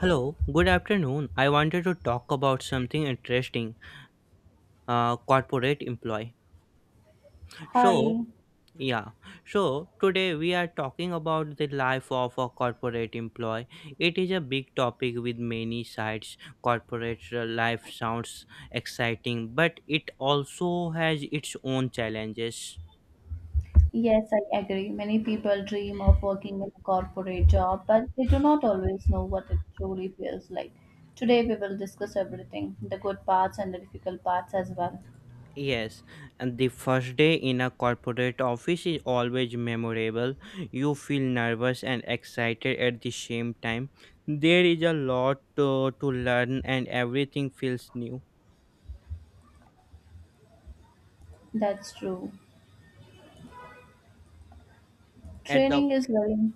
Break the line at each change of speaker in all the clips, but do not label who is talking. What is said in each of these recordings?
Hello, good afternoon. I wanted to talk about something interesting corporate employee. So,
Hi.
yeah, so today we are talking about the life of a corporate employee. It is a big topic with many sides. Corporate life sounds exciting, but it also has its own challenges.
Yes, I agree. Many people dream of working in a corporate job, but they do not always know what it truly feels like. Today, we will discuss everything the good parts and the difficult parts as well.
Yes, and the first day in a corporate office is always memorable. You feel nervous and excited at the same time. There is a lot to learn and everything feels new.
That's true.
At the
Training is very,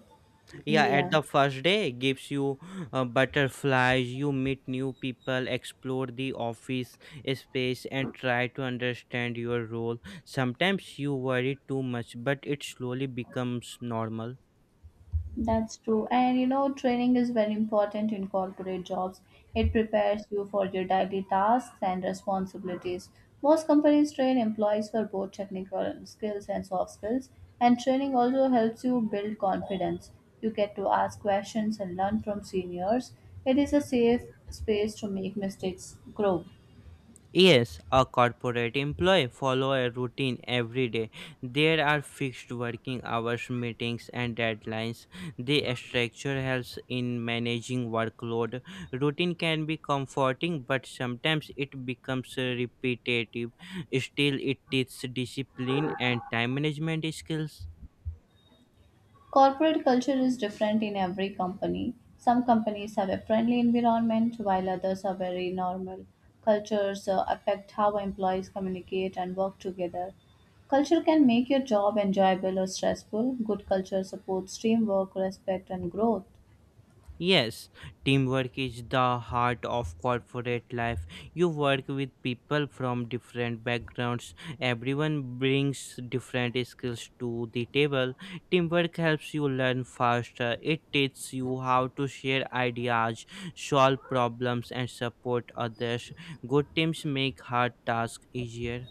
yeah, at
yeah.
the first day gives you butterflies. You meet new people, explore the office space and try to understand your role. Sometimes you worry too much, but it slowly becomes normal.
That's true. And you know, training is very important in corporate jobs. It prepares you for your daily tasks and responsibilities. Most companies train employees for both technical skills and soft skills, and training also helps you build confidence. You get to ask questions and learn from seniors. It is a safe space to make mistakes, grow.
Yes, a corporate employee follow a routine every day. There are fixed working hours, meetings and deadlines. The structure helps in managing workload. Routine can be comforting but sometimes it becomes repetitive. Still it teaches discipline and time management skills.
Corporate culture is different in every company. Some companies have a friendly environment, while others are very normal. Cultures affect how employees communicate and work together. Culture can make your job enjoyable or stressful. Good culture supports teamwork, respect, and growth.
Yes, teamwork is the heart of corporate life. You work with people from different backgrounds. Everyone brings different skills to the table. Teamwork helps you learn faster. It teaches you how to share ideas, solve problems, and support others. Good teams make hard tasks easier.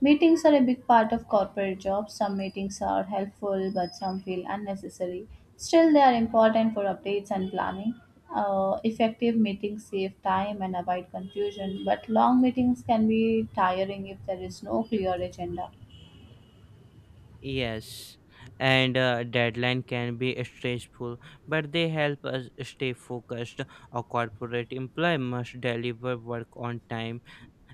Meetings are a big part of corporate jobs. Some meetings are helpful, but some feel unnecessary. Still, they are important for updates and planning. Effective meetings save time and avoid confusion, but long meetings can be tiring if there is no clear agenda.
Yes, and deadline can be stressful, but they help us stay focused. A corporate employee must deliver work on time,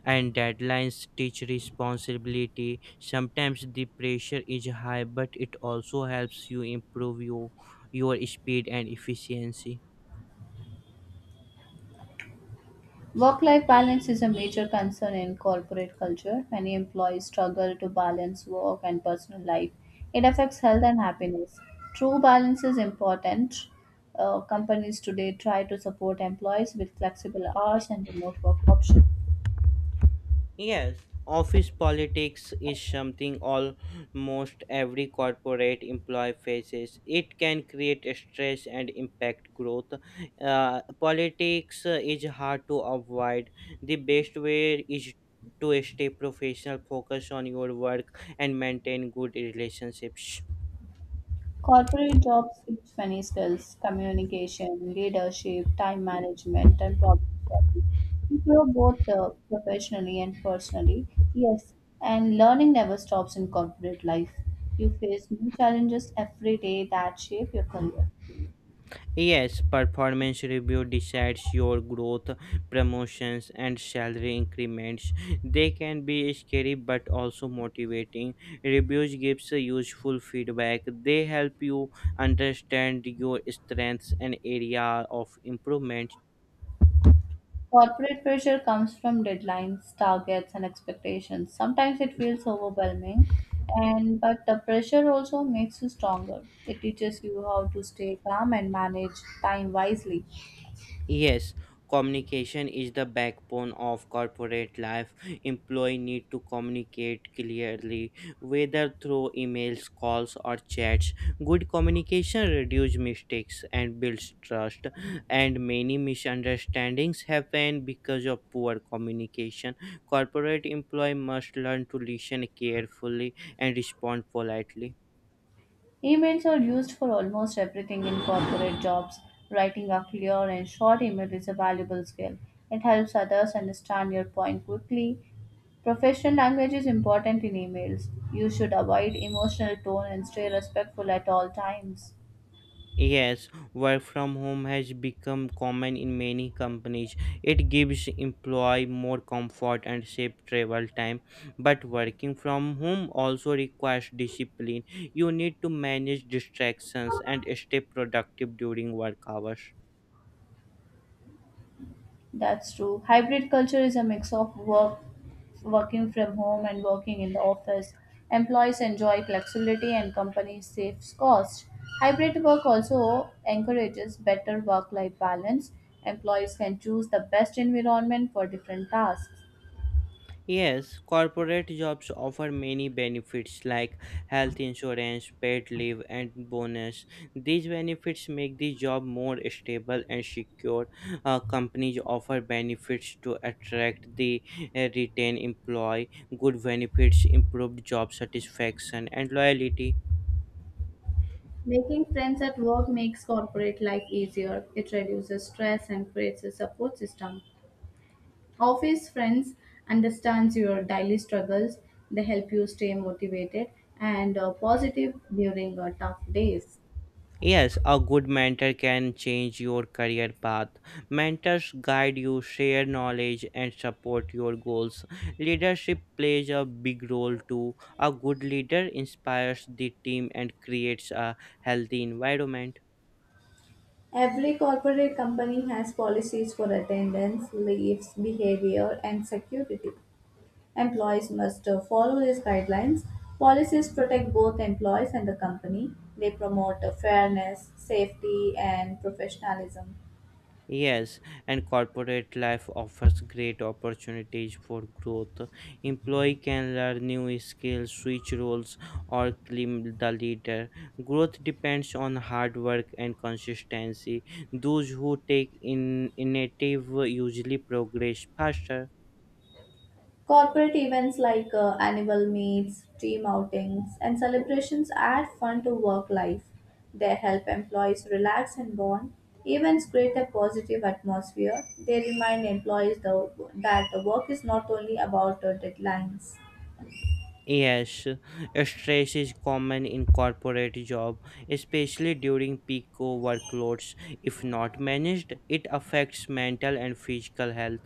and deadlines teach responsibility. Sometimes the pressure is high, but it also helps you improve your speed and efficiency.
Work life balance is a major concern in corporate culture. Many employees struggle to balance work and personal life. It affects health and happiness. True balance is important. Companies today try to support employees with flexible hours and remote work options.
Yes, office politics is something almost every corporate employee faces. It can create stress and impact growth. Politics is hard to avoid. The best way is to stay professional, focus on your work, and maintain good relationships.
Corporate jobs teach many skills communication, leadership, time management, and problem solving. You grow both professionally and personally. Yes, and learning never stops in corporate life. You face new challenges every day that shape your career.
Yes, performance review decides your growth, promotions, and salary increments. They can be scary but also motivating. Reviews gives a useful feedback. They help you understand your strengths and area of improvement.
Corporate pressure comes from deadlines, targets, and expectations. Sometimes it feels overwhelming, and but the pressure also makes you stronger. It teaches you how to stay calm and manage time wisely.
Yes, communication is the backbone of corporate life. Employee need to communicate clearly, whether through emails, calls, or chats. Good communication reduces mistakes and builds trust, and many misunderstandings happen because of poor communication. Corporate employee must learn to listen carefully and respond politely.
Emails are used for almost everything in corporate jobs. Writing a clear and short email is a valuable skill. It helps others understand your point quickly. Professional language is important in emails. You should avoid emotional tone and stay respectful at all times.
Yes, work from home has become common in many companies. It gives employee more comfort and safe travel time. But working from home also requires discipline. You need to manage distractions and stay productive during work hours.
That's true. Hybrid culture is a mix of work, working from home and working in the office. Employees enjoy flexibility and companies save costs. Hybrid work also encourages better work-life balance. Employees can choose the best environment for different tasks.
Yes, corporate jobs offer many benefits like health insurance, paid leave, and bonus. These benefits make the job more stable and secure. Companies offer benefits to attract the retain employee. Good benefits improve job satisfaction and loyalty.
Making friends at work makes corporate life easier. It reduces stress and creates a support system. Office friends understands your daily struggles. They help you stay motivated and positive during tough days.
Yes, a good mentor can change your career path. Mentors guide you, share knowledge, and support your goals. Leadership plays a big role too. A good leader inspires the team and creates a healthy environment.
Every corporate company has policies for attendance, leaves, behavior, and security. Employees must follow these guidelines. Policies protect both employees and the company. They promote fairness, safety, and professionalism.
Yes, and corporate life offers great opportunities for growth. Employee can learn new skills, switch roles, or claim the leader. Growth depends on hard work and consistency. Those who take in initiative usually progress faster.
Corporate events like annual meets, team outings, and celebrations add fun to work life. They help employees relax and bond. Events create a positive atmosphere. They remind employees that the work is not only about deadlines.
Yes, stress is common in corporate job, especially during peak workloads. If not managed, it affects mental and physical health.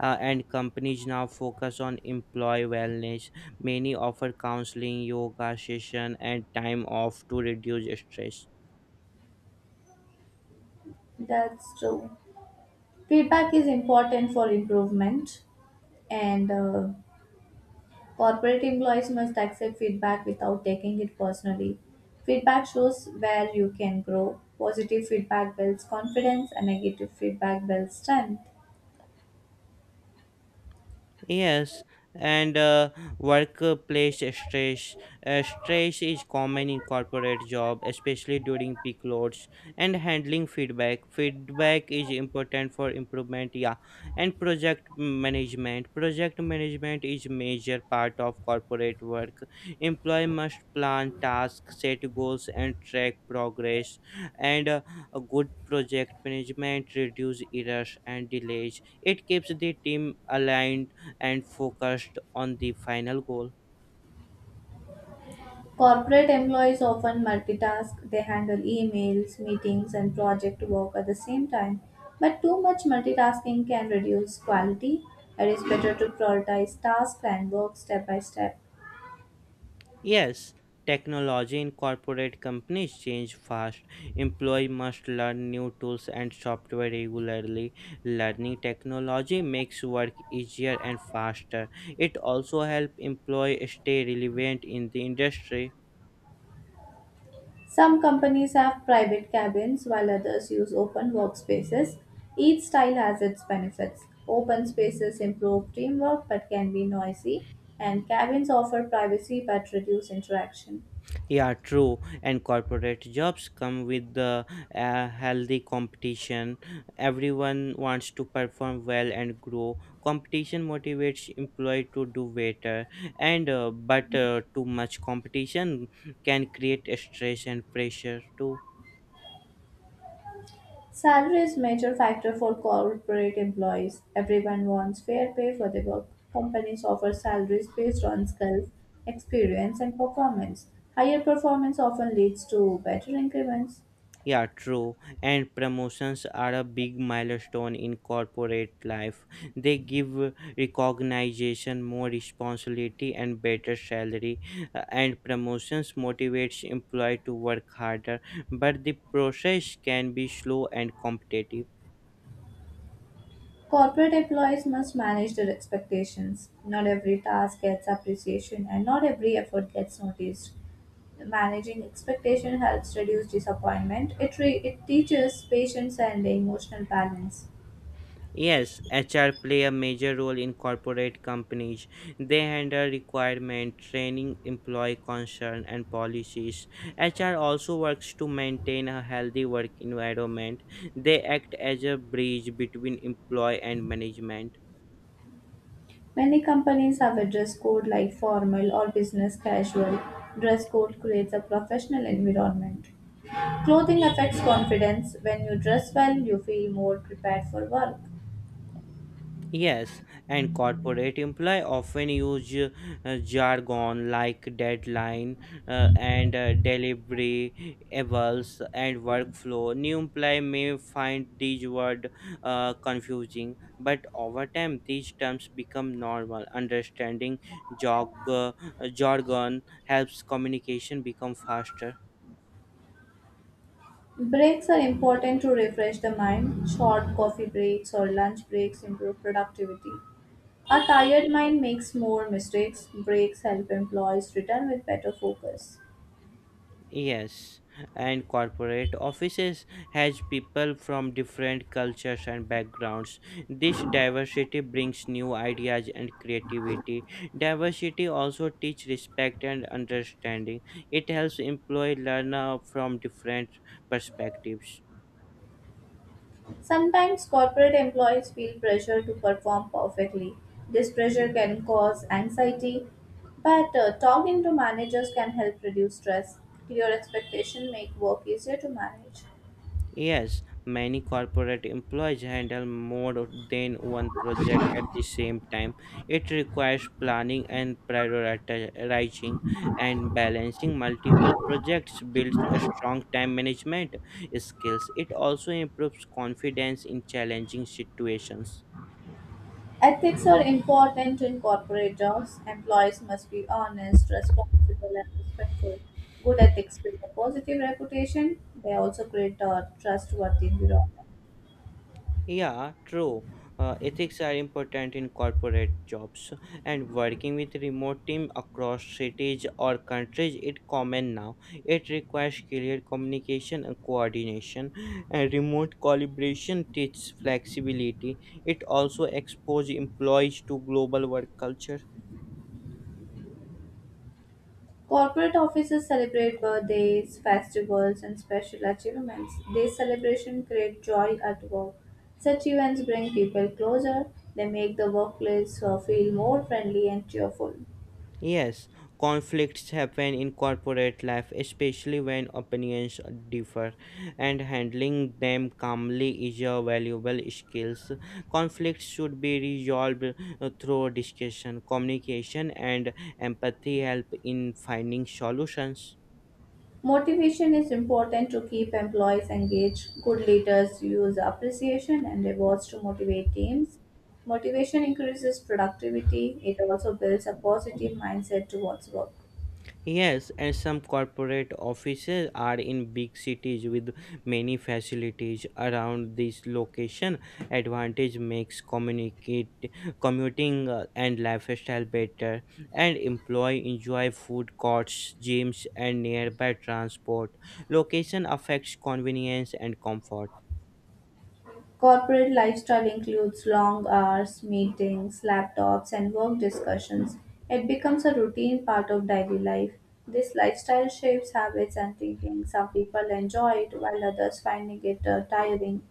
And companies now focus on employee wellness. Many offer counseling, yoga session, and time off to reduce stress.
That's true. Feedback is important for improvement, and Corporate employees must accept feedback without taking it personally. Feedback shows where you can grow. Positive feedback builds confidence and negative feedback builds strength.
Yes, and workplace stress. Stress is common in corporate job, especially during peak loads and handling feedback. Feedback is important for improvement, yeah, and project management. Project management is major part of corporate work. Employee must plan tasks, set goals, and track progress. And a good project management reduce errors and delays. It keeps the team aligned and focused on the final goal.
Corporate employees often multitask. They handle emails, meetings, and project work at the same time. But too much multitasking can reduce quality. It is better to prioritize tasks and work step by step.
Yes, technology in corporate companies change fast. Employee must learn new tools and software regularly. Learning technology makes work easier and faster. It also helps employees stay relevant in the industry.
Some companies have private cabins while others use open workspaces. Each style has its benefits. Open spaces improve teamwork but can be noisy, and cabins offer privacy but reduce interaction.
Yeah, true. And corporate jobs come with the healthy competition. Everyone wants to perform well and grow. Competition motivates employee to do better. And but too much competition can create stress and pressure too.
Salary is major factor for corporate employees. Everyone wants fair pay for their work. Companies offer salaries based on skills, experience, and performance. Higher performance often leads to better increments.
Yeah, true. And promotions are a big milestone in corporate life. They give recognition, more responsibility, and better salary. And promotions motivates employee to work harder, but the process can be slow and competitive.
Corporate employees must manage their expectations. Not every task gets appreciation and not every effort gets noticed. Managing expectation helps reduce disappointment. It teaches patience and emotional balance.
Yes, HR play a major role in corporate companies. They handle requirement, training, employee concern, and policies. HR also works to maintain a healthy work environment. They act as a bridge between employee and management.
Many companies have a dress code like formal or business casual. Dress code creates a professional environment. Clothing affects confidence. When you dress well, you feel more prepared for work.
Yes, and corporate employee often use jargon like deadline and delivery, evals and workflow. New employee may find these words confusing, but over time these terms become normal. Understanding jog, uh, jargon helps communication become faster.
Breaks are important to refresh the mind. Short coffee breaks or lunch breaks improve productivity. A tired mind makes more mistakes. Breaks help employees return with better focus.
Yes, and corporate offices has people from different cultures and backgrounds. This diversity brings new ideas and creativity. Diversity also teach respect and understanding. It helps employee learn from different perspectives.
Sometimes corporate employees feel pressure to perform perfectly. This pressure can cause anxiety, but talking to managers can help reduce stress. Clear expectation make work easier to manage.
Yes, many corporate employees handle more than one project at the same time. It requires planning and prioritizing and balancing multiple projects builds a strong time management skills. It also improves confidence in challenging situations.
Ethics are important in corporate jobs. Employees must be honest, responsible, and respectful. Good ethics build a positive reputation. They also create a trustworthy environment.
Yeah, true. Ethics are important in corporate jobs, and working with remote team across cities or countries is common now. It requires clear communication and coordination, and remote collaboration teaches flexibility. It also exposes employees to global work culture.
Corporate offices celebrate birthdays, festivals, and special achievements. These celebrations create joy at work. Such events bring people closer. They make the workplace feel more friendly and cheerful.
Yes, conflicts happen in corporate life, especially when opinions differ, and handling them calmly is a valuable skill. Conflicts should be resolved through discussion, communication, and empathy help in finding solutions.
Motivation is important to keep employees engaged. Good leaders use appreciation and rewards to motivate teams. Motivation increases productivity. It also builds a positive mindset towards work.
Yes, and some corporate offices are in big cities with many facilities around this location. Advantage makes communicate commuting and lifestyle better, and employee enjoy food courts, gyms, and nearby transport. Location affects convenience and comfort.
Corporate lifestyle includes long hours, meetings, laptops, and work discussions. It becomes a routine part of daily life. This lifestyle shapes habits and thinking. Some people enjoy it while others finding it tiring.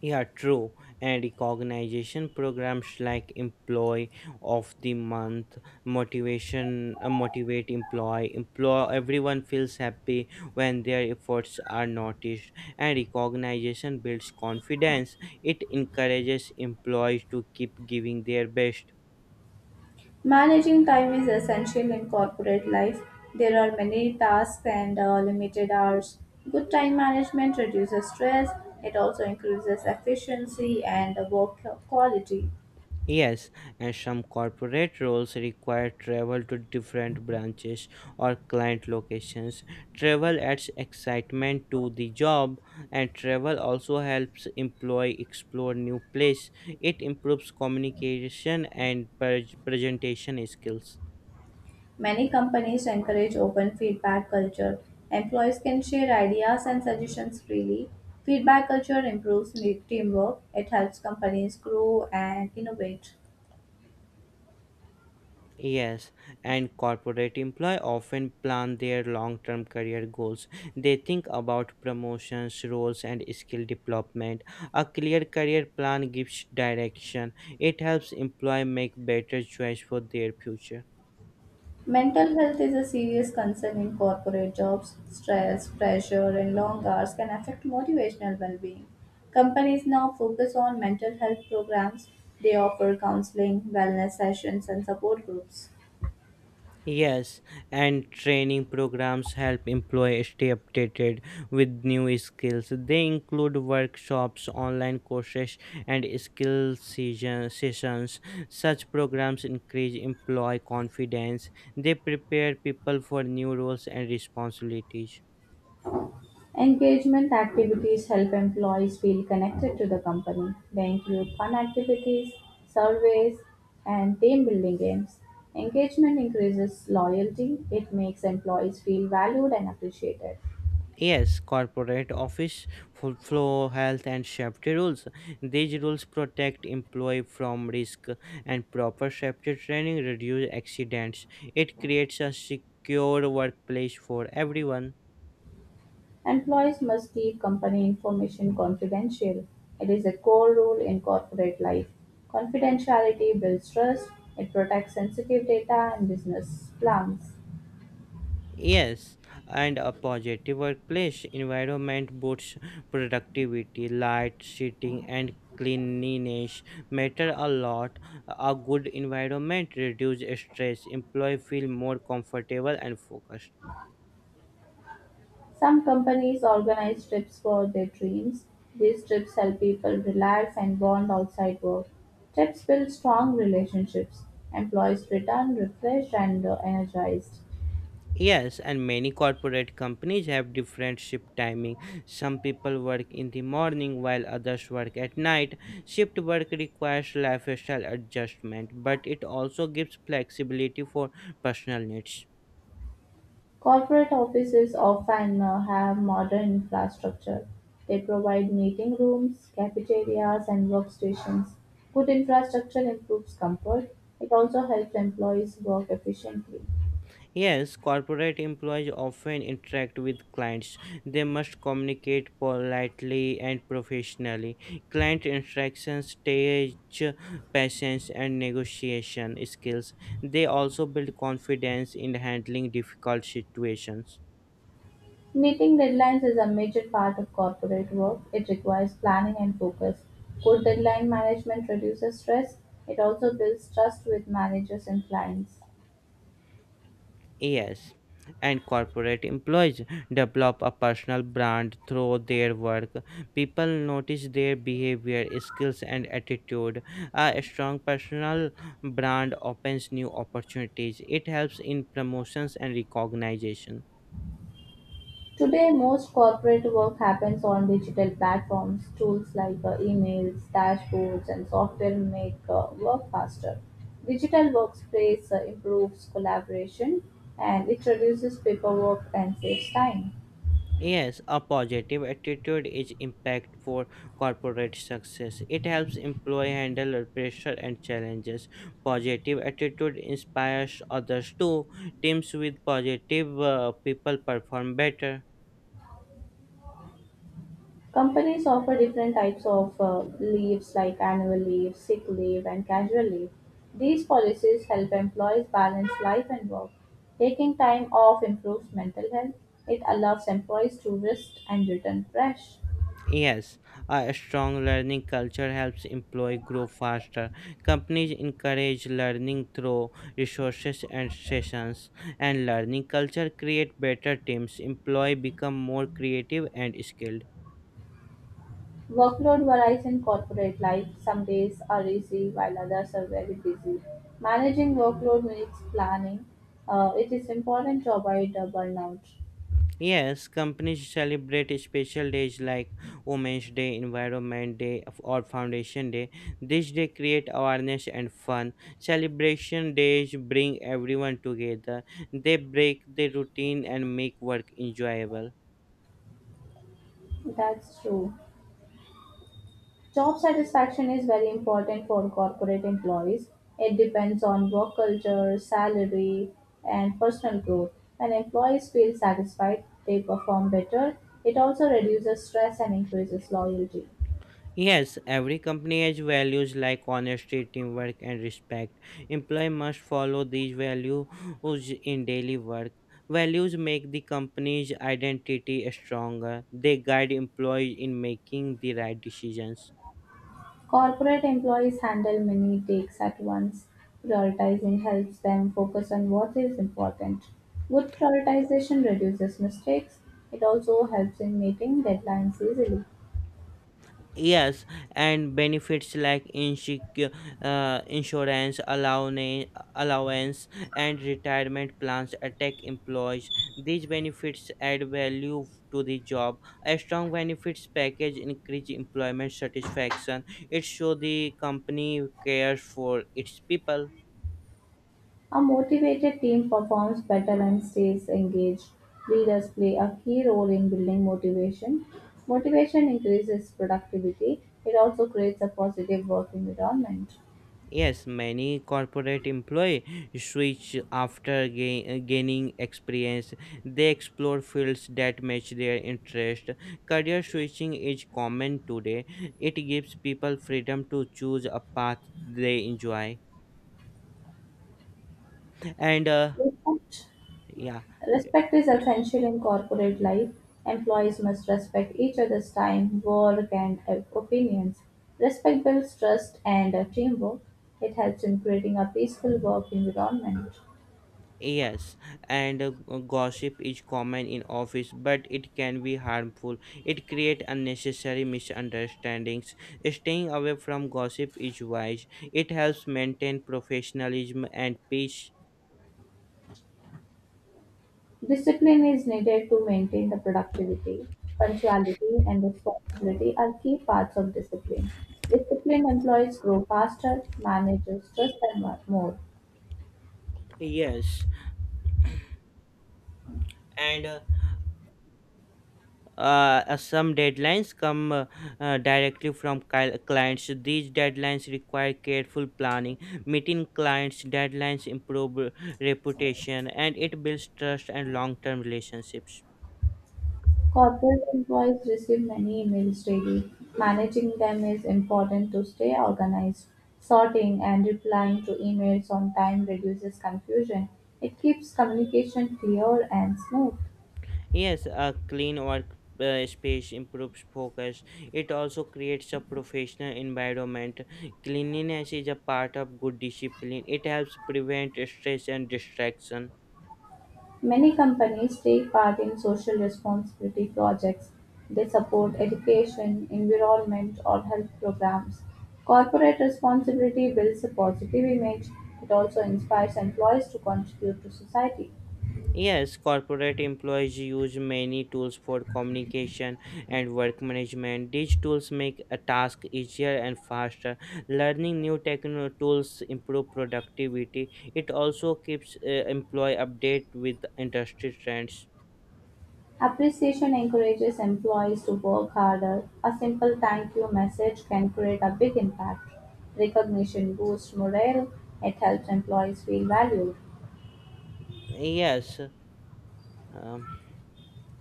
Yeah, true. And recognition programs like Employee of the Month, motivate employee. Employ everyone feels happy when their efforts are noticed. And recognition builds confidence. It encourages employees to keep giving their best.
Managing time is essential in corporate life. There are many tasks and limited hours. Good time management reduces stress, it also increases efficiency and work quality.
Yes, and some corporate roles require travel to different branches or client locations. Travel adds excitement to the job, and travel also helps employee explore new place. It improves communication and presentation skills.
Many companies encourage open feedback culture. Employees can share ideas and suggestions freely. Feedback culture improves teamwork, it helps companies grow and innovate.
Yes, and corporate employees often plan their long term career goals. They think about promotions, roles, and skill development. A clear career plan gives direction, it helps employees make better choice for their future.
Mental health is a serious concern in corporate jobs. Stress, pressure, and long hours can affect motivational well being. Companies now focus on mental health programs. They offer counseling, wellness sessions, and support groups.
Yes, and training programs help employees stay updated with new skills. They include workshops, online courses, and sessions. Such programs increase employee confidence. They prepare people for new roles and responsibilities.
Engagement activities help employees feel connected to the company. They include fun activities, surveys, and team building games. Engagement increases loyalty, it makes employees feel valued and appreciated.
Yes, corporate office flow health and safety rules. These rules protect employee from risk and proper safety training reduce accidents. It creates a secure workplace for everyone.
Employees must keep company information confidential; it is a core rule in corporate life. Confidentiality builds trust, it protects sensitive data and business plans.
Yes, and a positive workplace environment boosts productivity, light, seating, and cleanliness matter a lot. A good environment reduces stress. Employee feel more comfortable and focused.
Some companies organize trips for their dreams. These trips help people relax and bond outside work. Trips build strong relationships. Employees return refreshed and energized.
Yes, and many corporate companies have different shift timing. Some people work in the morning while others work at night. Shift work requires lifestyle adjustment, but it also gives flexibility for personal needs.
Corporate offices often have modern infrastructure; they provide meeting rooms, cafeterias, and workstations. Good infrastructure improves comfort; it also helps employees work efficiently.
Yes, corporate employees often interact with clients. They must communicate politely and professionally. Client interactions teach patience and negotiation skills. They also build confidence in handling difficult situations.
Meeting deadlines is a major part of corporate work. It requires planning and focus. Good deadline management reduces stress. It also builds trust with managers and clients.
Yes, and corporate employees develop a personal brand through their work. People notice their behavior, skills, and attitude. A strong personal brand opens new opportunities. It helps in promotions and recognition.
Today, most corporate work happens on digital platforms. Tools like emails, dashboards, and software make work faster. Digital workspace improves collaboration and it reduces paperwork and saves time.
Yes, a positive attitude is impact for corporate success. It helps employee handle pressure and challenges. Positive attitude inspires others too. Teams with positive people perform better.
Companies offer different types of leaves like annual leave, sick leave, and casual leave. These policies help employees balance life and work. Taking time off improves mental health. It allows employees to rest and return fresh.
Yes, a strong learning culture helps employee grow faster. Companies encourage learning through resources and sessions, and learning culture create better teams. Employee become more creative and skilled.
Workload varies in corporate life; some days are easy while others are very busy. Managing workload needs planning. It is important to avoid burnout.
Yes, companies celebrate special days like Women's Day, Environment Day, or Foundation Day. This day create awareness and fun. Celebration days bring everyone together. They break the routine and make work enjoyable.
That's true. Job satisfaction is very important for corporate employees. It depends on work culture, salary, and personal growth. When employees feel satisfied, they perform better. It also reduces stress and increases loyalty.
Yes, every company has values like honesty, teamwork, and respect. Employee must follow these values in daily work. Values make the company's identity stronger. They guide employees in making the right decisions.
Corporate employees handle many takes at once. Prioritizing helps them focus on what is important. Good prioritization reduces mistakes. It also helps in meeting deadlines easily.
Yes, and benefits like insurance, allowance, and retirement plans attack employees. These benefits add value to the job. A strong benefits package increase employment satisfaction. It shows the company cares for its people.
A motivated team performs better and stays engaged. Leaders play a key role in building motivation. Motivation increases productivity. It also creates a positive work environment.
Yes, many corporate employee switch after gaining experience. They explore fields that match their interest. Career switching is common today. It gives people freedom to choose a path they enjoy. And
With that,
yeah.
respect is essential in corporate life. Employees must respect each other's time, work, and opinions. Respect builds trust and teamwork. It helps in creating a peaceful work environment.
Yes, and gossip is common in office, but it can be harmful. It creates unnecessary misunderstandings. Staying away from gossip is wise. It helps maintain professionalism and peace.
Discipline is needed to maintain the productivity. Punctuality and responsibility are key parts of discipline. Disciplined employees grow faster, manage stress, and more.
Yes, and some deadlines come directly from clients. These deadlines require careful planning. Meeting clients' deadlines improve reputation, and it builds trust and long-term relationships.
Corporate employees receive many emails daily; managing them is important to stay organized. Sorting and replying to emails on time reduces confusion. It keeps communication clear and smooth.
Yes, a clean work space improves focus. It also creates a professional environment. Cleanliness is a part of good discipline. It helps prevent stress and distraction.
Many companies take part in social responsibility projects. They support education, environment, or health programs. Corporate responsibility builds a positive image. It also inspires employees to contribute to society.
Yes, corporate employees use many tools for communication and work management. These tools make a task easier and faster. Learning new techno tools improve productivity. It also keeps employee update with industry trends.
Appreciation encourages employees to work harder; a simple thank you message can create a big impact. Recognition boosts morale; it helps employees feel valued.
Yes, Um,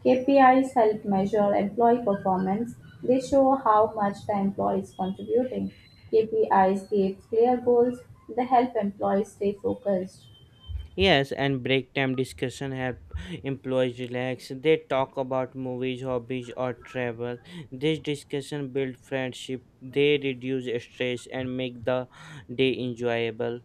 KPIs help measure employee performance. They show how much the employee is contributing. KPIs give clear goals. They help employees stay focused.
yes, and break time discussion help employees relax. They talk about movies, hobbies, or travel. This discussion build friendship. They reduce stress and make the day enjoyable.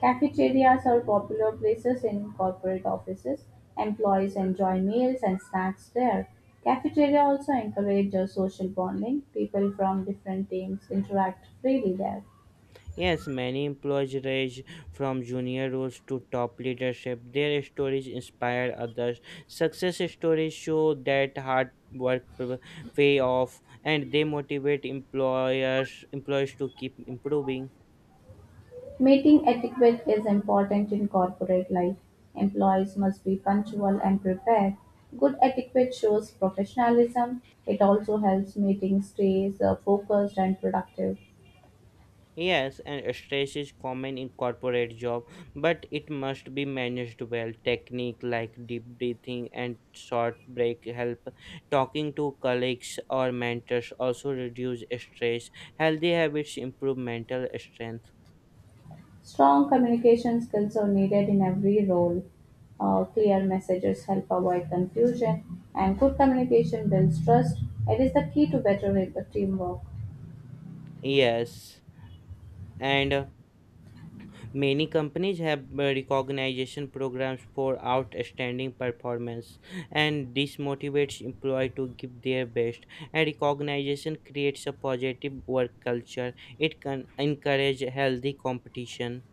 Cafeterias are popular places in corporate offices; employees enjoy meals and snacks there. Cafeteria also encourages social bonding; people from different teams interact freely there.
Yes, many employees range from junior roles to top leadership. Their stories inspire others. Success stories show that hard pay off, and they motivate employers employees to keep improving.
Meeting etiquette is important in corporate life. Employees must be punctual and prepared. Good etiquette shows professionalism. It also helps meetings stay focused and productive.
Yes, and stress is common in corporate job, but it must be managed well. Technique like deep breathing and short break help. Talking to colleagues or mentors also reduce stress. Healthy habits improve mental strength.
Strong communication skills are needed in every role. Clear messages help avoid confusion, and good communication builds trust. It is the key to better teamwork.
Yes, and many companies have recognition programs for outstanding performance, and this motivates employees to give their best. And recognition creates a positive work culture. It can encourage healthy competition.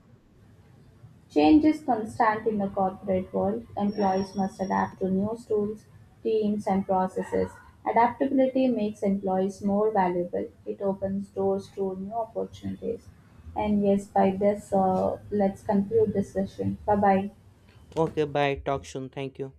Change is constant in the corporate world. Employees must adapt to new tools, teams, and processes. Adaptability makes employees more valuable. It opens doors to new opportunities. And yes, by this, let's conclude this session. Bye bye.
Okay, bye. Talk soon. Thank you.